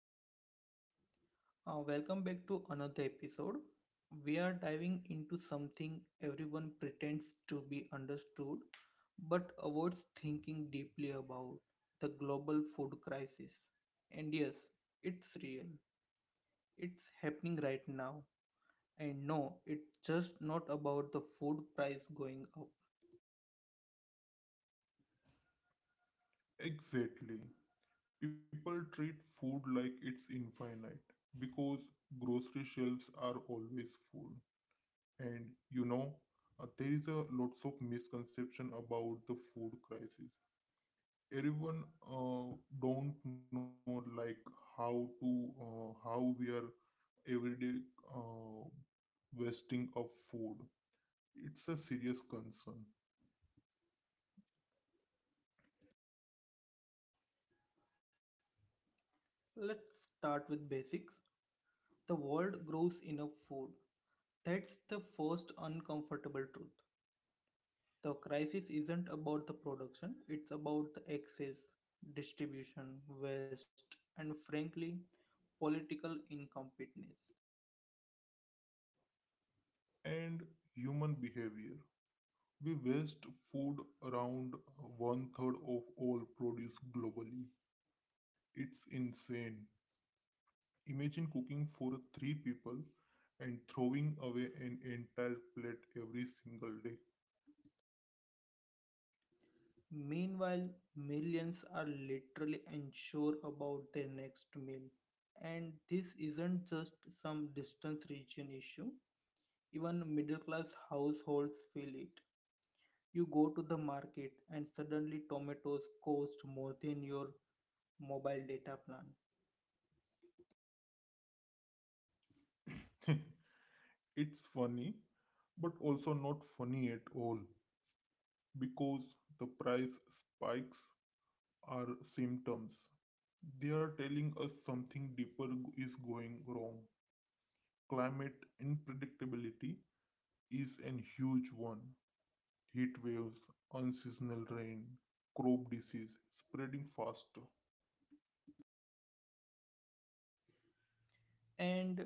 right, welcome back to another episode. We are diving into something everyone pretends to be understood but avoids thinking deeply about the global food crisis. And yes, it's real, it's happening right now. And no, it's just not about the food price going up. Exactly. People treat food like it's infinite because grocery shelves are always full. And you know, there is a lots of misconception about the food crisis. Everyone uh, don't know like how we are everyday uh, wasting of food. It's a serious concern Let's start with basics. The world grows enough food. That's the first uncomfortable truth. The crisis isn't about the production, it's about the excess, distribution, waste, and frankly, political incompetence. and human behavior. We waste food around one third of all produce globally. It's insane. Imagine cooking for three people and throwing away an entire plate every single day. Meanwhile, millions are literally unsure about their next meal. And this isn't just some distance region issue, even middle class households feel it. You go to the market and suddenly tomatoes cost more than your mobile data plan. It's funny, but also not funny at all because the price spikes are symptoms. They are telling us something deeper is going wrong. Climate unpredictability is an huge one: heat waves, unseasonal rain, crop disease spreading faster. And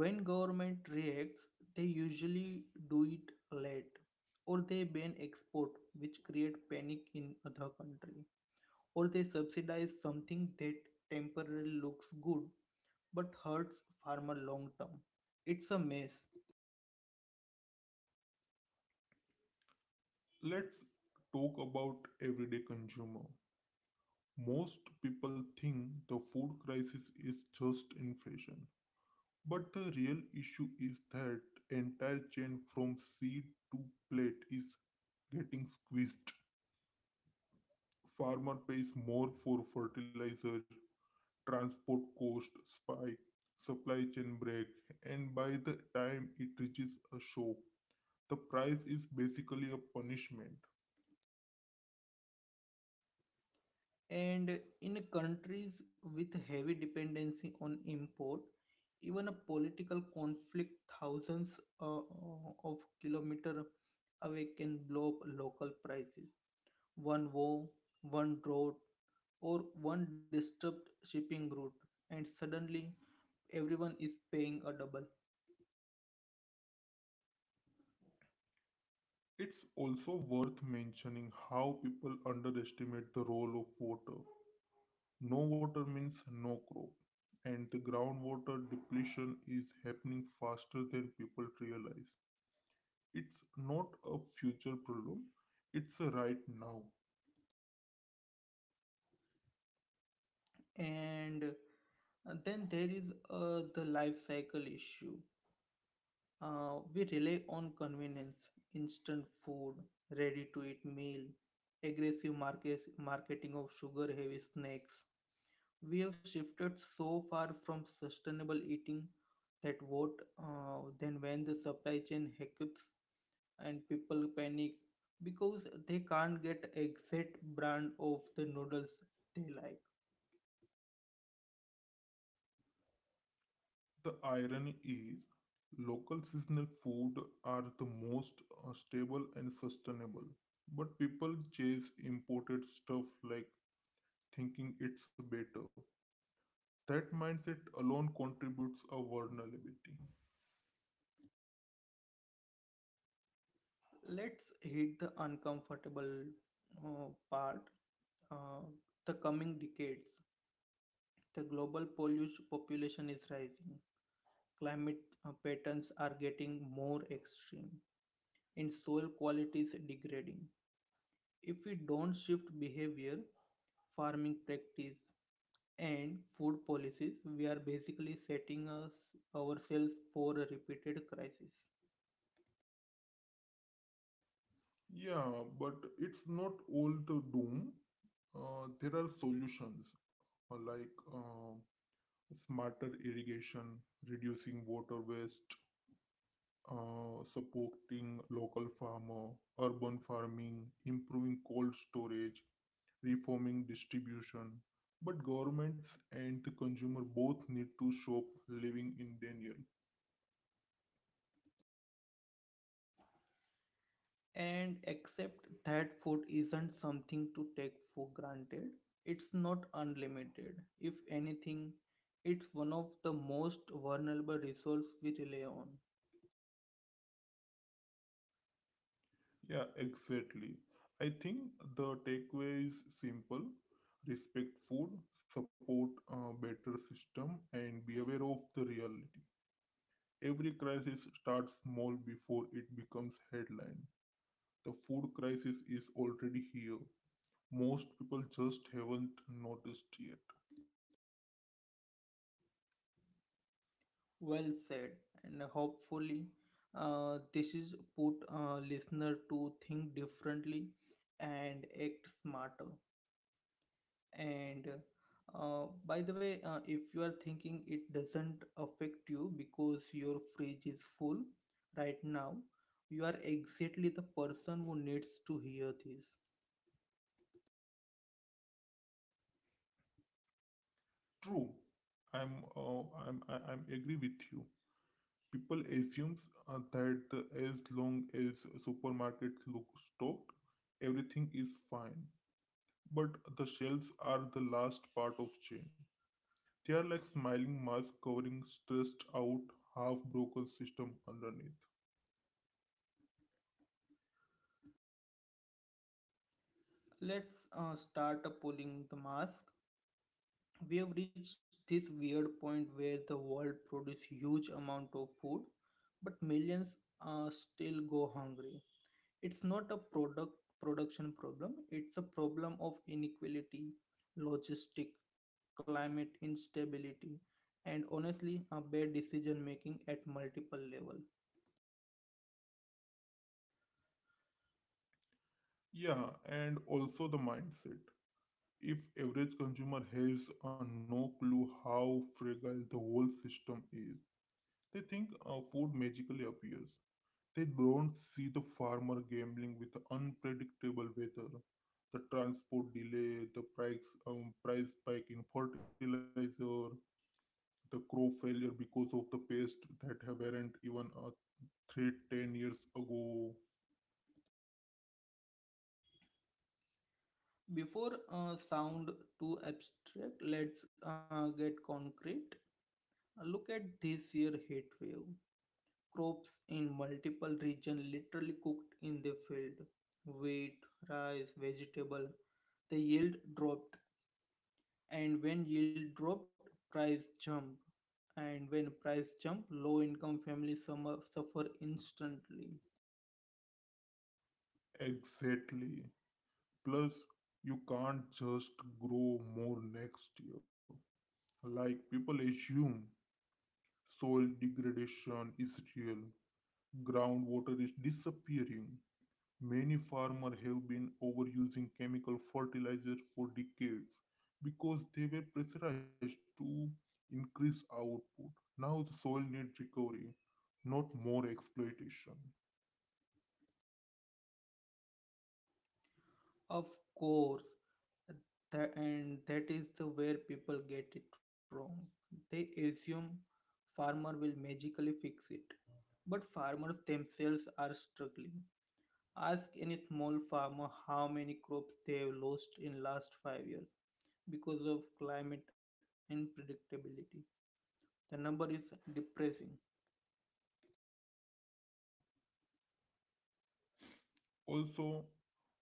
when government reacts, they usually do it late, or they ban export which create panic in other country, or they subsidize something that temporarily looks good but hurts farmer long term. It's a mess. Let's talk about everyday consumer. Most people think the food crisis is just inflation, but the real issue is that entire chain from seed to plate is getting squeezed. Farmer pays more for fertilizer, transport cost spike, supply chain break, and by the time it reaches a shop, the price is basically a punishment. And in countries with heavy dependency on import, even a political conflict thousands uh, of kilometer away can blow up local prices. One war, one drought, or one disturbed shipping route, and suddenly everyone is paying a double. It's also worth mentioning how people underestimate the role of water. No water means no crop, and the groundwater depletion is happening faster than people realize. It's not a future problem, it's a right now. And then there is the life cycle issue. We rely on convenience, instant food, ready to eat meal, aggressive marketing of sugar heavy snacks. We have shifted so far from sustainable eating that what then when the supply chain hiccups and people panic because they can't get exact brand of the noodles they like. The irony is, local seasonal food are the most stable and sustainable, but people chase imported stuff like thinking it's better. That mindset alone contributes a vulnerability. Let's hit the uncomfortable part. Uh, the coming decades. The global pollution population is rising. Climate patterns are getting more extreme, and soil quality is degrading. If we don't shift behavior, farming practice, and food policies, we are basically setting us ourselves for a repeated crisis. Yeah, but it's not all the doom. There are solutions, like smarter irrigation, reducing water waste, supporting local farmer, urban farming, improving cold storage, reforming distribution. But governments and the consumer both need to stop living in denial. And accept that food isn't something to take for granted. It's not unlimited. If anything, it's one of the most vulnerable resources we rely on. Yeah, exactly. I think the takeaway is simple. Respect food, support a better system, and be aware of the reality. Every crisis starts small before it becomes headline. The food crisis is already here. Most people just haven't noticed yet. Well said, and hopefully, this is put a listener to think differently and act smarter. And by the way, if you are thinking it doesn't affect you because your fridge is full right now, you are exactly the person who needs to hear this. True. I'm uh, I'm agree with you. People assumes that as long as supermarkets look stocked, everything is fine. But the shelves are the last part of chain. They are like smiling masks covering stressed out, half broken system underneath. Let's start pulling the mask. We have reached this weird point where the world produces huge amount of food but millions still go hungry. It's not a production problem, it's a problem of inequality, logistic, climate instability, and honestly a bad decision making at multiple level. Yeah, and also the mindset. If average consumer has a no clue how fragile the whole system is, they think food magically appears. They don't see the farmer gambling with the unpredictable weather, the transport delay, the price spike in fertilizer, the crop failure because of the pest that have weren't even a threat 10 years ago. Before sound too abstract, let's get concrete. Look at this year heat wave, crops in multiple region literally cooked in the field, wheat rice vegetable, the yield dropped, and when yield dropped price jumped. And when price jump low income families suffer instantly. Exactly. Plus, you can't just grow more next year. Like people assume soil degradation is real, groundwater is disappearing, many farmers have been overusing chemical fertilizers for decades because they were pressurized to increase output. Now the soil needs recovery, not more exploitation. Of course and that is the where people get it wrong. They assume farmer will magically fix it, but farmers themselves are struggling. Ask any small farmer how many crops they have lost in last 5 years because of climate unpredictability. The number is depressing. Also,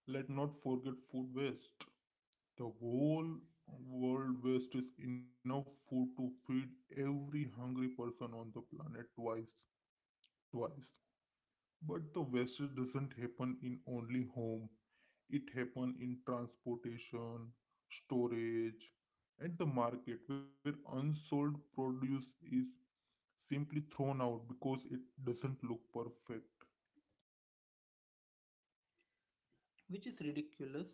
let not forget food waste. The whole world wastes enough food to feed every hungry person on the planet twice. Twice. But the waste doesn't happen in only home. It happen in transportation, storage, and the market where unsold produce is simply thrown out because it doesn't look perfect. Which is ridiculous.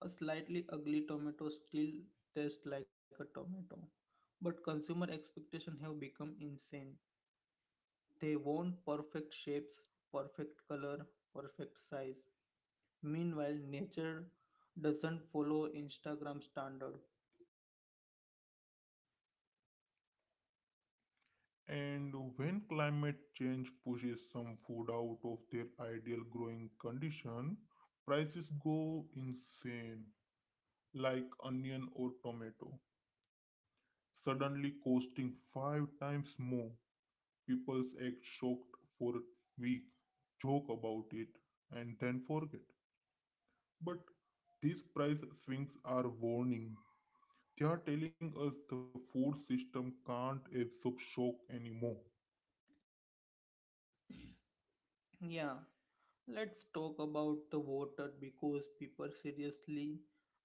A slightly ugly tomato still tastes like a tomato. But consumer expectations have become insane. They want perfect shapes, perfect color, perfect size. Meanwhile, nature doesn't follow Instagram standard. And when climate change pushes some food out of their ideal growing condition, prices go insane, like onion or tomato, suddenly costing five times more. People's act shocked for a week, joke about it, and then forget. But these price swings are warning. They are telling us the food system can't absorb shock anymore. Yeah, let's talk about the water because people seriously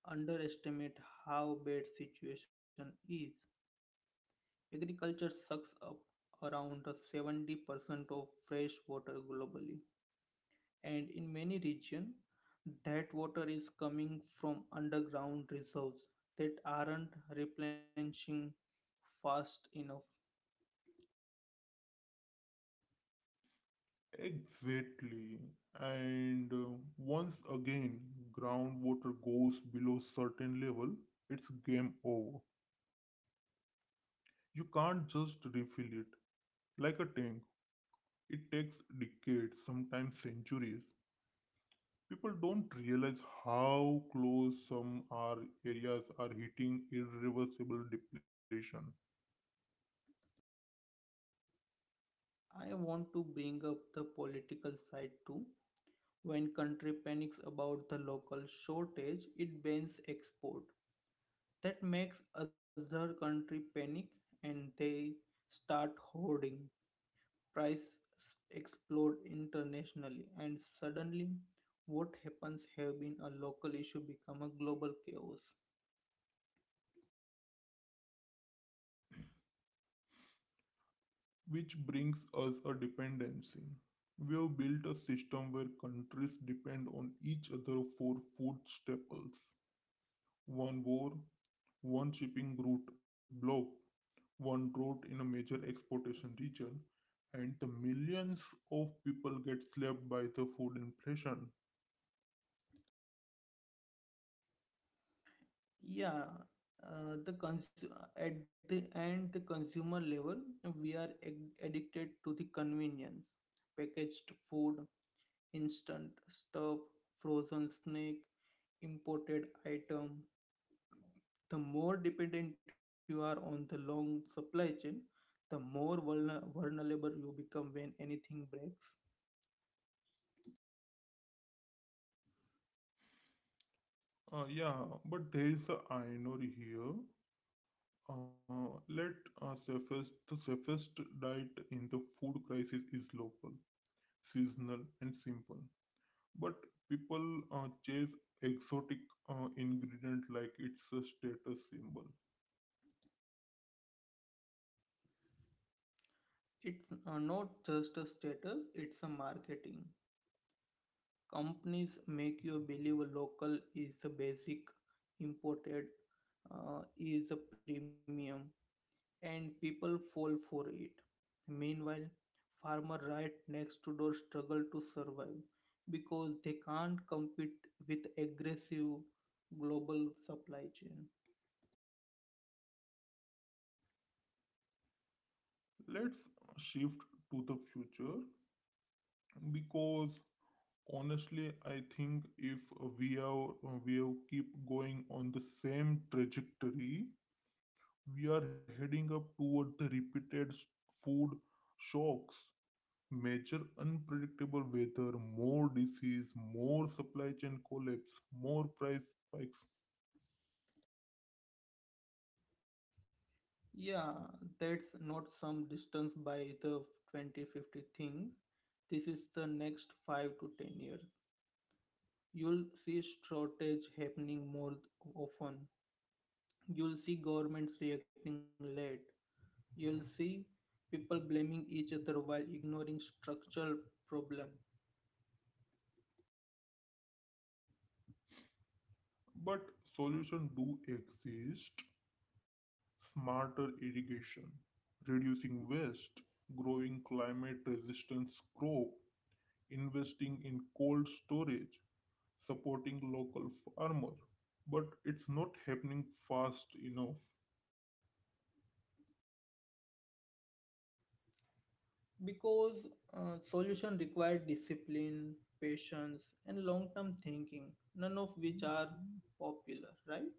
underestimate how bad situation is. Agriculture sucks up around 70% of fresh water globally, and in many regions, that water is coming from underground reserves that aren't replenishing fast enough. Exactly. And once again, groundwater goes below certain level, it's game over. You can't just refill it like a tank. It takes decades, sometimes centuries, people don't realize how close some are areas are hitting irreversible depletion, I want to bring up the political side too. When country panics about the local shortage, it bans export. That makes other country panic and they start hoarding. Price explode internationally and suddenly what happens have been a local issue become a global chaos. which brings us a dependency. We have built a system where countries depend on each other for food staples. One war, one shipping route blocked, one drought in a major exportation region, and the millions of people get slapped by the food inflation. Yeah, uh, the cons- at the end the consumer level, we are addicted to the convenience, packaged food, instant stuff, frozen snack, imported item. The more dependent you are on the long supply chain, the more vulnerable you become when anything breaks. Yeah, but there is a irony here. Uh, let the safest diet in the food crisis is local, seasonal, and simple. But people chase exotic ingredient like it's a status symbol. It's not just a status, it's a marketing. Companies make you believe local is the basic, imported is a premium, and people fall for it. Meanwhile, farmer right next to door struggle to survive because they can't compete with aggressive global supply chain. Let's shift to the future because honestly, I think if we have keep going on the same trajectory, we are heading up toward the repeated food shocks. Major unpredictable weather, more disease, more supply chain collapse, more price spikes. Yeah, that's not some distance by the 2050 thing. This is the next 5 to 10 years. You'll see shortage happening more often. You'll see governments reacting late. You'll see people blaming each other while ignoring structural problem. But solutions do exist. Smarter irrigation, reducing waste, growing climate resistant crop, investing in cold storage, supporting local farmer. But it's not happening fast enough. Because solution require discipline, patience, and long-term thinking. None of which are popular, right?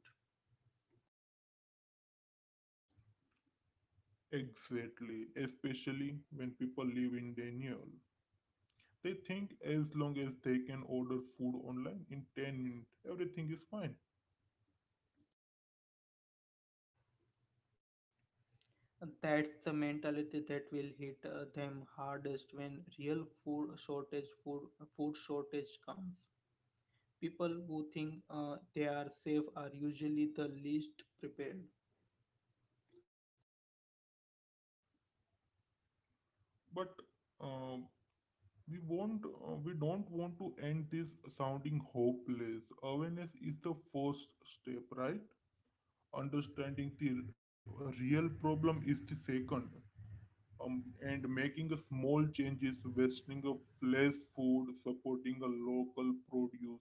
Exactly, especially when people live in denial. They think as long as they can order food online in 10 minutes, everything is fine. And that's the mentality that will hit them hardest when real food shortage, food shortage comes. People who think they are safe are usually the least prepared. But uh, we don't want to end this sounding hopeless. Awareness is the first step, right? Understanding the real problem is the second. And making a small changes, wasting a flash food, supporting a local produce,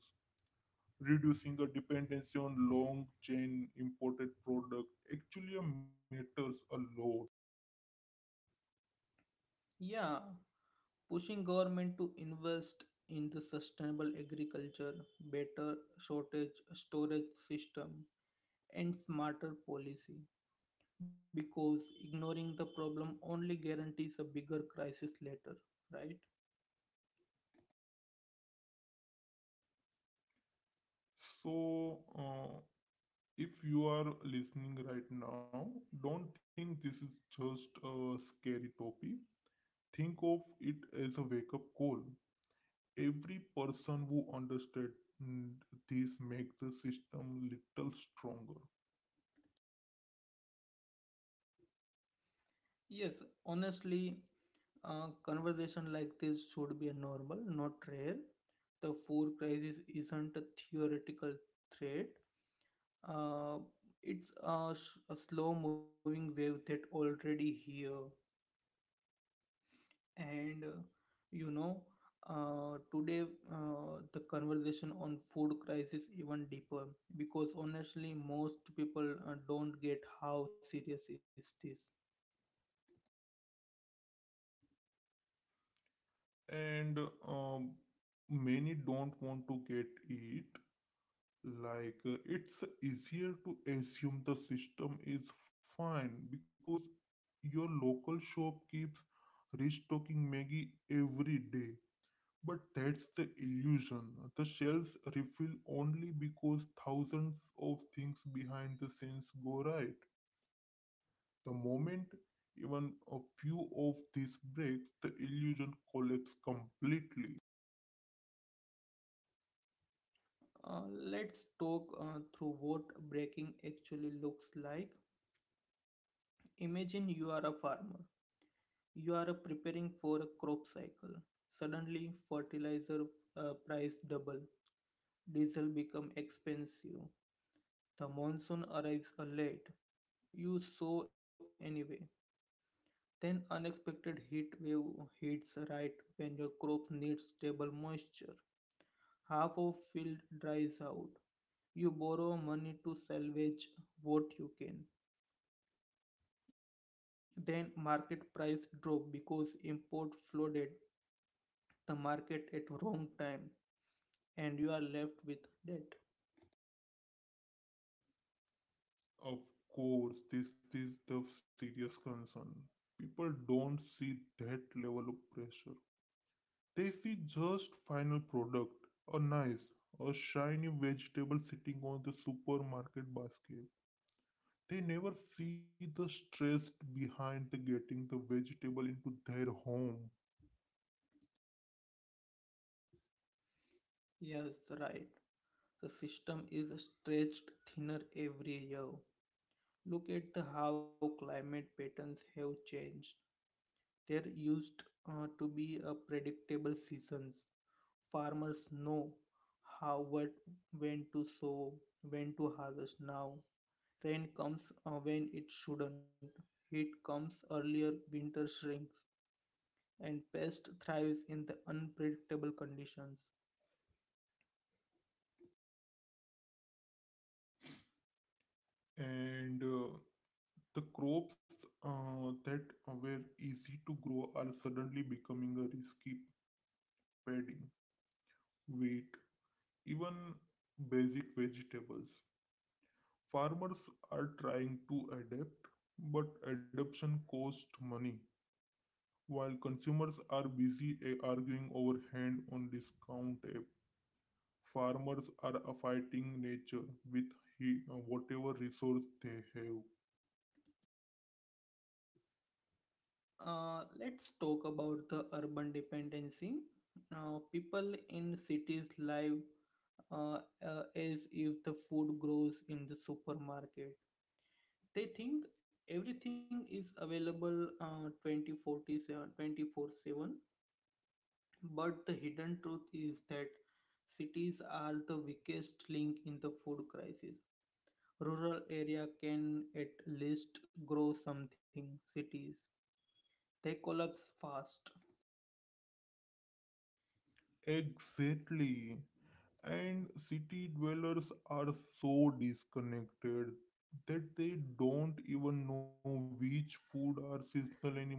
reducing the dependency on long chain imported product actually matters a lot. Yeah, pushing government to invest in the sustainable agriculture, better shortage storage system, and smarter policy. Because ignoring the problem only guarantees a bigger crisis later, right? So if you are listening right now, don't think this is just a scary topic. Think of it as a wake up call. Every person who understands this makes the system little stronger. Yes, honestly, a conversation like this should be a normal, not rare. The food crisis isn't a theoretical threat. Uh, it's a slow moving wave that already here. And you know today the conversation on food crisis even deeper, because honestly most people don't get how serious is this. And um, many don't want to get it. Like it's easier to assume the system is fine because your local shop keeps restocking Maggie every day. But that's the illusion. The shelves refill only because thousands of things behind the scenes go right. The moment even a few of these breaks, the illusion collapses completely. Let's talk through what breaking actually looks like. Imagine you are a farmer. You are preparing for a crop cycle. Suddenly fertilizer price double, diesel become expensive. The monsoon arrives late. You sow anyway. Then unexpected heat wave hits right when your crops need stable moisture. Half of field dries out. You borrow money to salvage what you can. Then market price drop because import flooded the market at wrong time and you are left with debt. Of course, this is the serious concern. People don't see that level of pressure. They see just final product, a nice, a shiny vegetable sitting on the supermarket basket. They never see the stress behind the getting the vegetable into their home. Yes, right. The system is stretched thinner every year. Look at the how climate patterns have changed. There used to be a predictable seasons. Farmers know how what when to sow, when to harvest now. Rain comes when it shouldn't. Heat comes earlier, winter shrinks, and pest thrives in the unpredictable conditions. And the crops that were easy to grow are suddenly becoming a risky padding, wheat, even basic vegetables. Farmers are trying to adapt, but adoption costs money, while consumers are busy arguing over hand on discount app. Farmers are fighting nature with whatever resource they have. Let's talk about the urban dependency. Now, people in cities live uh, as if the food grows in the supermarket. They think everything is available 24/7, but the hidden truth is that cities are the weakest link in the food crisis. Rural area can at least grow something. Cities, they collapse fast. Exactly. And city dwellers are so disconnected that they don't even know which food are seasonal anymore.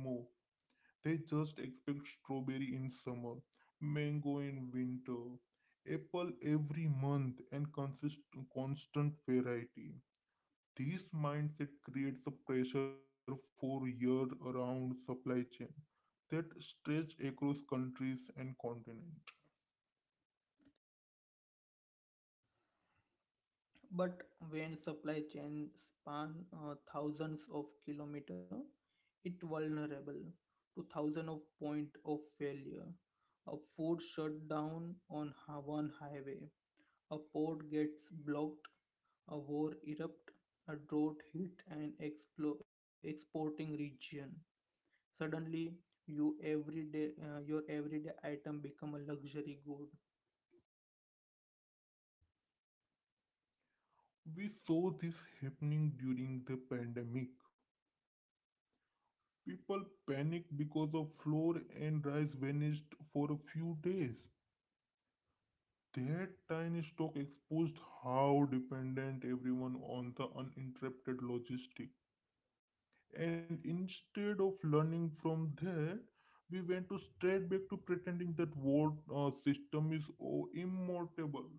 They just expect strawberry in summer, mango in winter, apple every month, and constant variety. This mindset creates a pressure for year-round supply chain that stretch across countries and continents. But when supply chains span thousands of kilometers, it vulnerable to thousands of point of failure. A food shut down on one highway, a port gets blocked, a war erupt, a drought hit an exporting region. Suddenly, your everyday item become a luxury good. We saw this happening during the pandemic. People panicked because of flour and rice vanished for a few days. That tiny stock exposed how dependent everyone on the uninterrupted logistic. And instead of learning from that, we went to straight back to pretending that world system is immortable.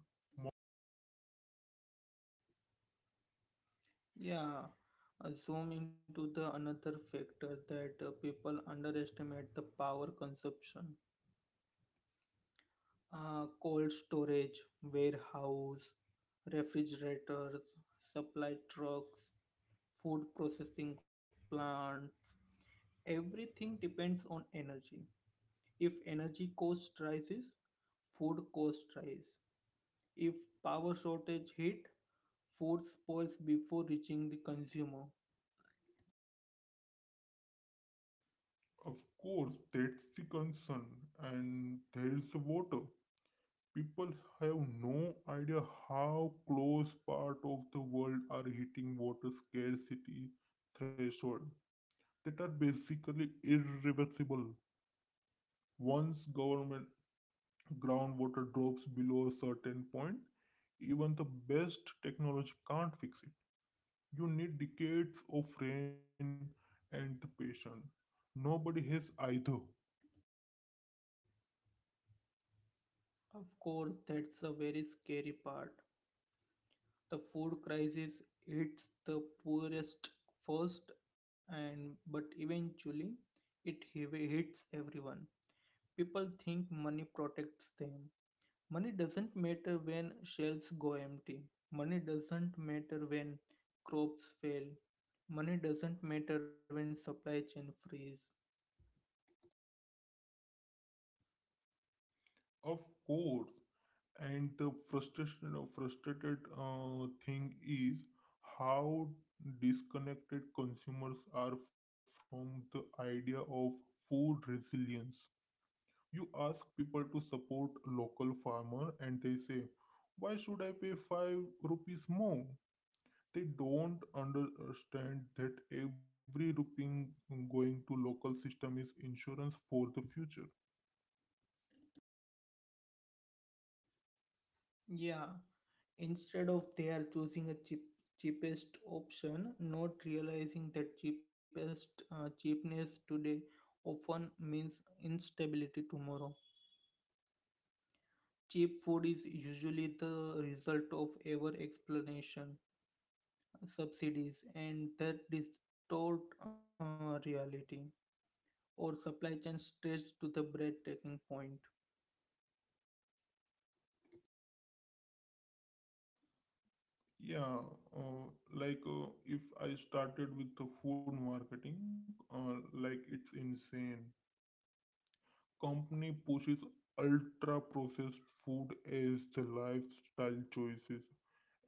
Yeah, zoom into the another factor that people underestimate the power consumption. Cold storage, warehouse, refrigerators, supply trucks, food processing plants, everything depends on energy. If energy cost rises, food cost rise. If power shortage hit, food spoils before reaching the consumer. Of course, that's the concern, and there's water. People have no idea how close part of the world are hitting water scarcity threshold that are basically irreversible. Once government groundwater drops below a certain point, even the best technology can't fix it. You need decades of rain and the patience. Nobody has either. Of course, that's a very scary part. The food crisis hits the poorest first, and but eventually, it hits everyone. People think money protects them. Money doesn't matter when shelves go empty. Money doesn't matter when crops fail. Money doesn't matter when supply chain freeze. Of course, and the frustration frustrated thing is how disconnected consumers are from the idea of food resilience. You ask people to support local farmer and they say, why should I pay 5 rupees more? They don't understand that every rupee going to local system is insurance for the future. Yeah, instead of they are choosing a cheapest option, not realizing that cheapest cheapness today often means instability tomorrow. Cheap food is usually the result of over explanation, subsidies, and that distort reality, or supply chain stretched to the breathtaking point. Yeah, uh, like if I started with the food marketing, like it's insane. Company pushes ultra processed food as the lifestyle choices.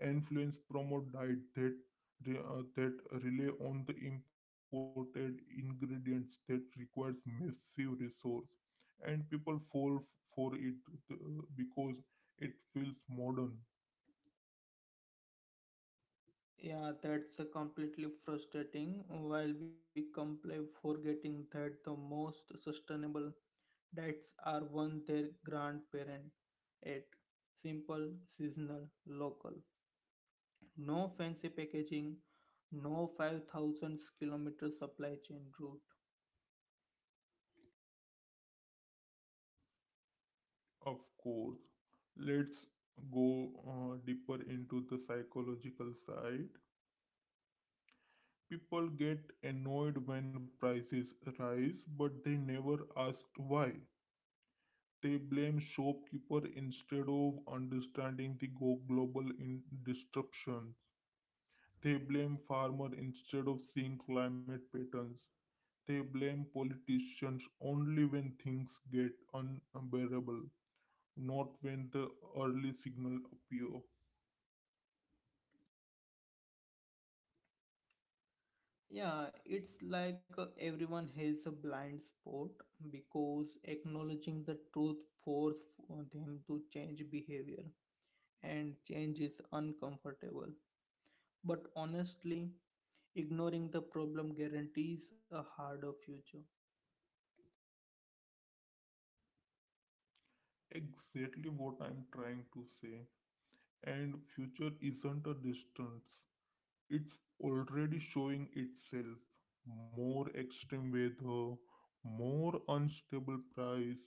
Influence promote diet that that rely on the imported ingredients that requires massive resource, and people fall for it uh, because it feels modern. Yeah, that's a completely frustrating. While we complain, forgetting that the most sustainable dates are one their grandparent ate. Simple, seasonal, local. No fancy packaging, no 5,000 kilometer supply chain route. Of course. Let's go deeper into the psychological side. People get annoyed when prices rise, but they never ask why. They blame shopkeeper instead of understanding the global in disruptions. They blame farmer instead of seeing climate patterns. They blame politicians only when things get unbearable, not when the early signal appear. Yeah, it's like everyone has a blind spot because acknowledging the truth forces them to change behavior and change is uncomfortable. But honestly, ignoring the problem guarantees a harder future. Exactly what I'm trying to say. And future isn't a distance. It's already showing itself. More extreme weather, more unstable price,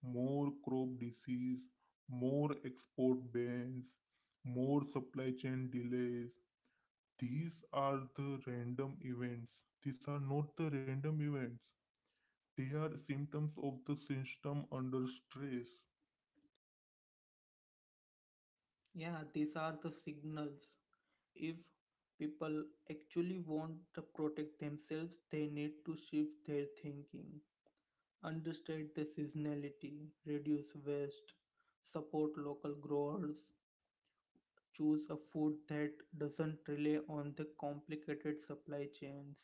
more crop disease, more export bans, more supply chain delays. These are the random events. These are not the random events. They are symptoms of the system under stress. Yeah, these are the signals. If people actually want to protect themselves, they need to shift their thinking, understand the seasonality, reduce waste, support local growers, choose a food that doesn't rely on the complicated supply chains,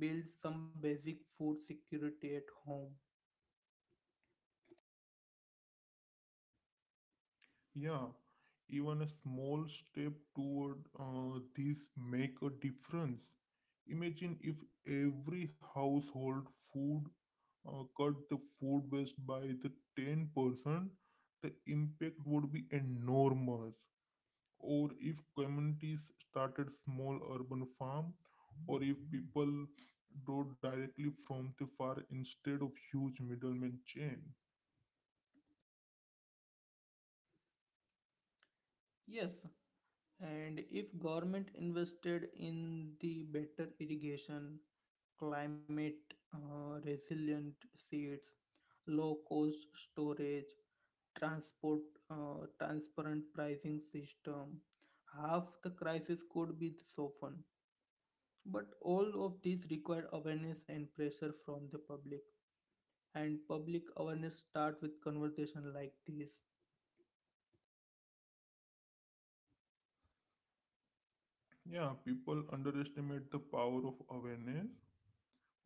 build some basic food security at home. Yeah, even a small step toward this make a difference. Imagine if every household food cut the food waste by the 10%, the impact would be enormous. Or if communities started small urban farm, or if people draw directly from the far instead of huge middleman chain. Yes, and if government invested in the better irrigation, climate resilient seeds, low cost storage, transport transparent pricing system, half the crisis could be softened, but all of these require awareness and pressure from the public, and public awareness start with conversation like this. Yeah, people underestimate the power of awareness.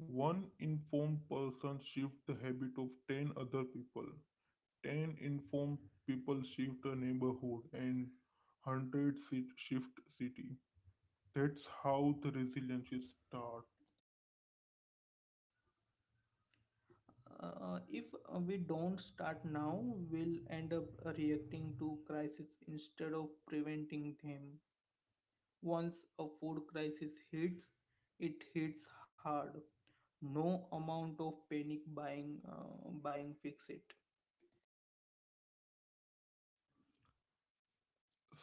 One informed person shifts the habit of 10 other people. 10 informed people shift a neighborhood and 100 sit shift city. That's how the resilience is start. If we don't start now, we'll end up reacting to crises instead of preventing them. Once a food crisis hits, it hits hard. No amount of panic buying buying fix it.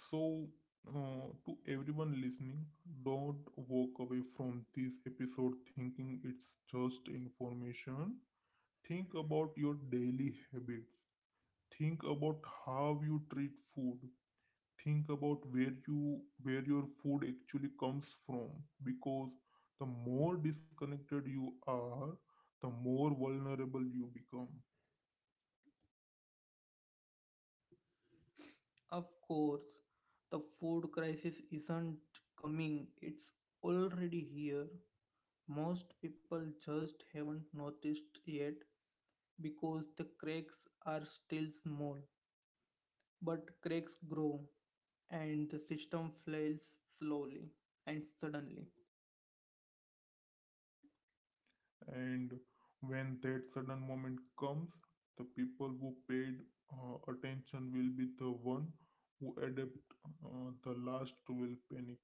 So to everyone listening, don't walk away from this episode thinking it's just information. Think about your daily habits. Think about how you treat food. Think about where you where your food actually comes from, because the more disconnected you are, the more vulnerable you become. Of course, the food crisis isn't coming, it's already here. Most people just haven't noticed yet because the cracks are still small. But cracks grow and the system fails slowly and suddenly. And when that sudden moment comes, the people who paid attention will be the one who adapt. The last will panic.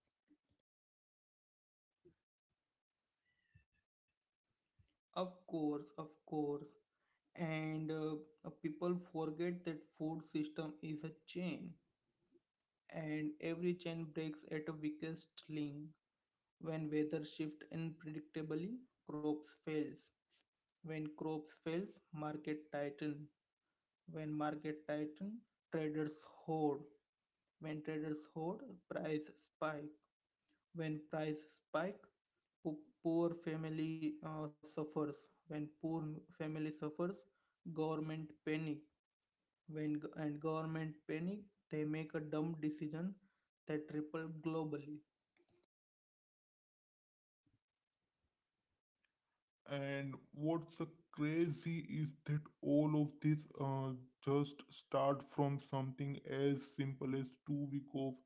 Of course, of course. And people forget that food system is a chain and every chain breaks at a weakest link. When weather shifts unpredictably, crops fails. When crops fails, market tighten. When market tighten, traders hoard. When traders hoard, price spike. When prices spike, po- poor family suffers. When poor family suffers, government panic. When and government panic, they make a dumb decision that ripple globally. And what's the crazy is that all of this just start from something as simple as 2 week of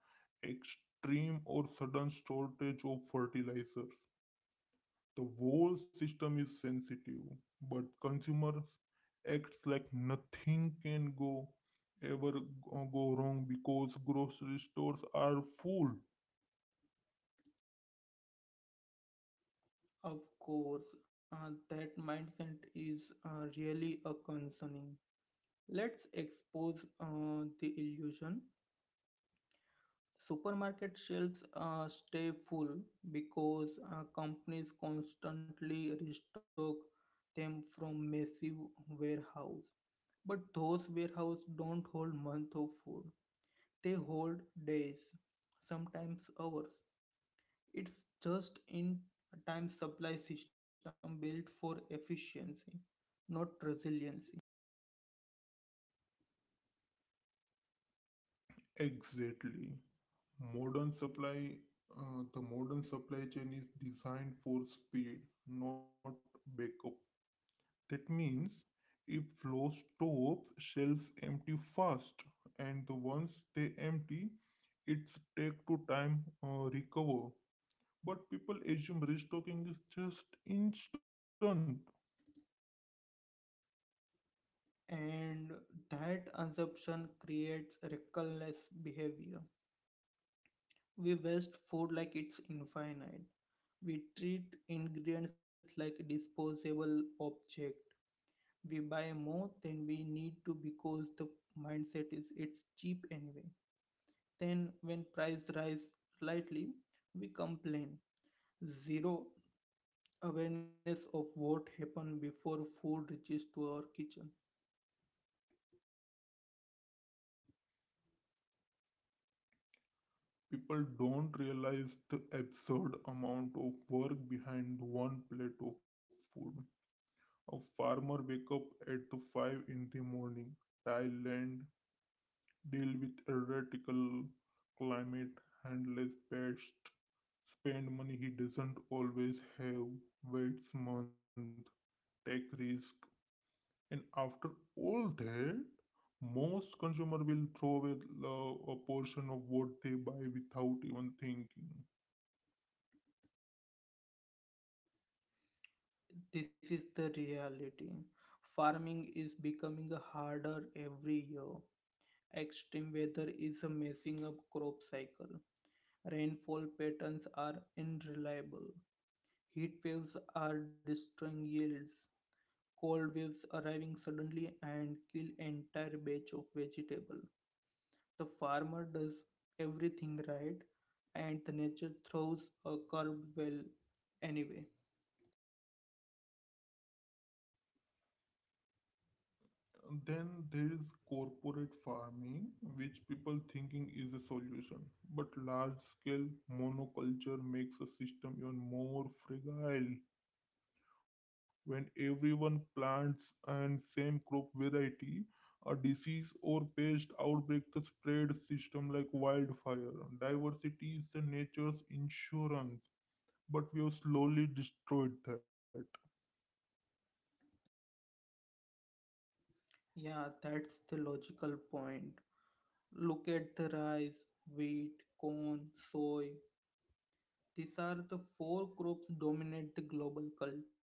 extreme or sudden shortage of fertilizers. The whole system is sensitive, but consumers acts like nothing can go ever go go wrong because grocery stores are full. Of course that mindset is really a concerning. Let's expose the illusion. Supermarket shelves stay full because companies constantly restock them from massive warehouse. But those warehouses don't hold month of food. They hold days, sometimes hours. It's just in a time supply system built for efficiency, not resiliency. Exactly. Modern supply, the modern supply chain is designed for speed, not backup. That means if flow stops, shelves empty fast, and the ones they empty, it's take to time recover. But people assume restocking is just instant. And that assumption creates reckless behavior. We waste food like it's infinite. We treat ingredients like disposable object. We buy more than we need to because the mindset is it's cheap anyway. Then when price rise slightly, we complain. Zero awareness of what happened before food reaches to our kitchen. People don't realize the absurd amount of work behind one plate of food. A farmer wake up at to five in the morning, tile land, deal with erratical climate, handless pests, spend money he doesn't always have, waits month, take risk, and after all that, most consumer will throw away a portion of what they buy without even thinking. This is the reality. Farming is becoming harder every year. Extreme weather is messing up crop cycle. Rainfall patterns are unreliable. Heat waves are destroying yields. Cold waves arriving suddenly and kill entire batch of vegetable. The farmer does everything right and the nature throws a curve well anyway. Then there is corporate farming, which people thinking is a solution, but large scale monoculture makes a system even more fragile. When everyone plants and same crop variety, a disease or pest outbreak the spread system like wildfire. Diversity is the nature's insurance, but we have slowly destroyed that. Yeah, that's the logical point. Look at the rice, wheat, corn, soy, these are the four crops dominate the global culture.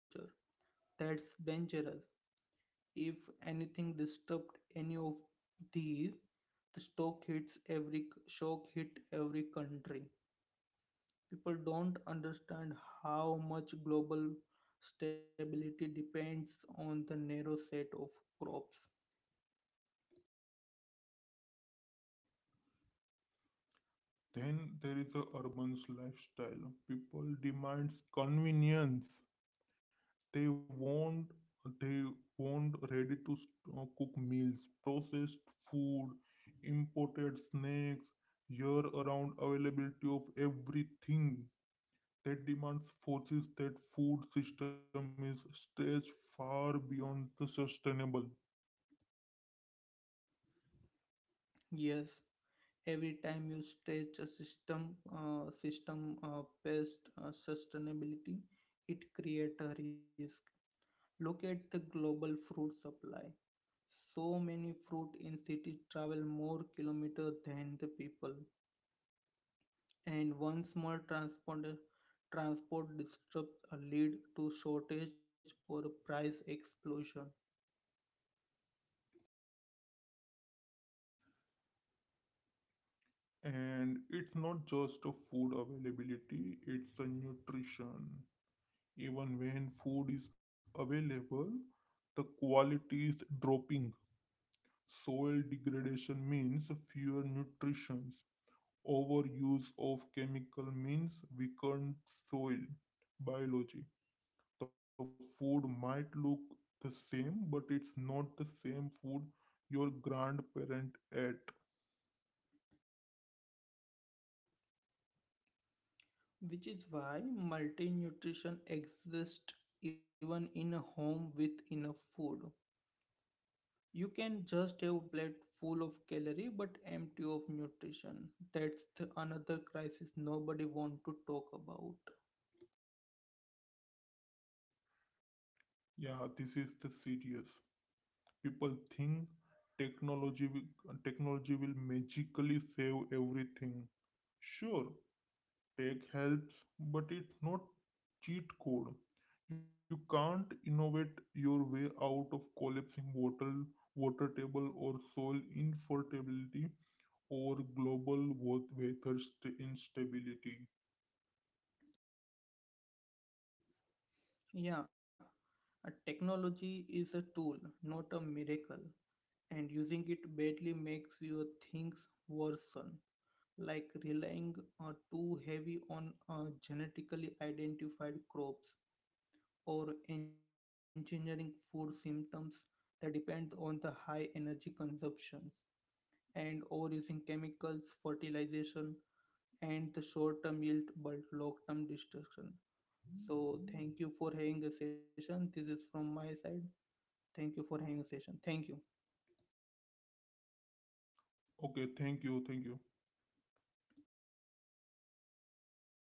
That's dangerous. If anything disturbed any of these, the stock hits every shock hit every country. People don't understand how much global stability depends on the narrow set of crops. Then there is a urban lifestyle. People demands convenience, they want they want ready to cook meals, processed food, imported snacks, year around availability of everything that demands forces that food system is stretched far beyond the sustainable. Yes, every time you stretch a system, system past sustainability, it creates a risk. Look at the global fruit supply. So many fruit in cities travel more kilometers than the people, and one small transport disruption lead to shortage or price explosion, And it's not just a food availability, it's a nutrition. Even when food is available, the quality is dropping. Soil degradation means fewer nutrition. Overuse of chemical means weakened soil biology. The food might look the same, but it's not the same food your grandparent ate. which is why multi-nutrition exists even in a home with enough food. You can just have a plate full of calorie but empty of nutrition. That's the another crisis nobody want to talk about. Yeah, this is the serious. People think technology will magically save everything. Sure, tech helps, but it's not cheat code. You can't innovate your way out of collapsing water, water table or soil infertility or global weather instability. Yeah, a technology is a tool, not a miracle, and using it badly makes your things worsen, like relying too heavy on genetically identified crops or engineering food symptoms that depend on the high energy consumptions and overusing chemicals, fertilization, and the short-term yield but long-term destruction. So thank you for having a session. This is from my side. Thank you for having session. Thank you. Okay, thank you, thank you.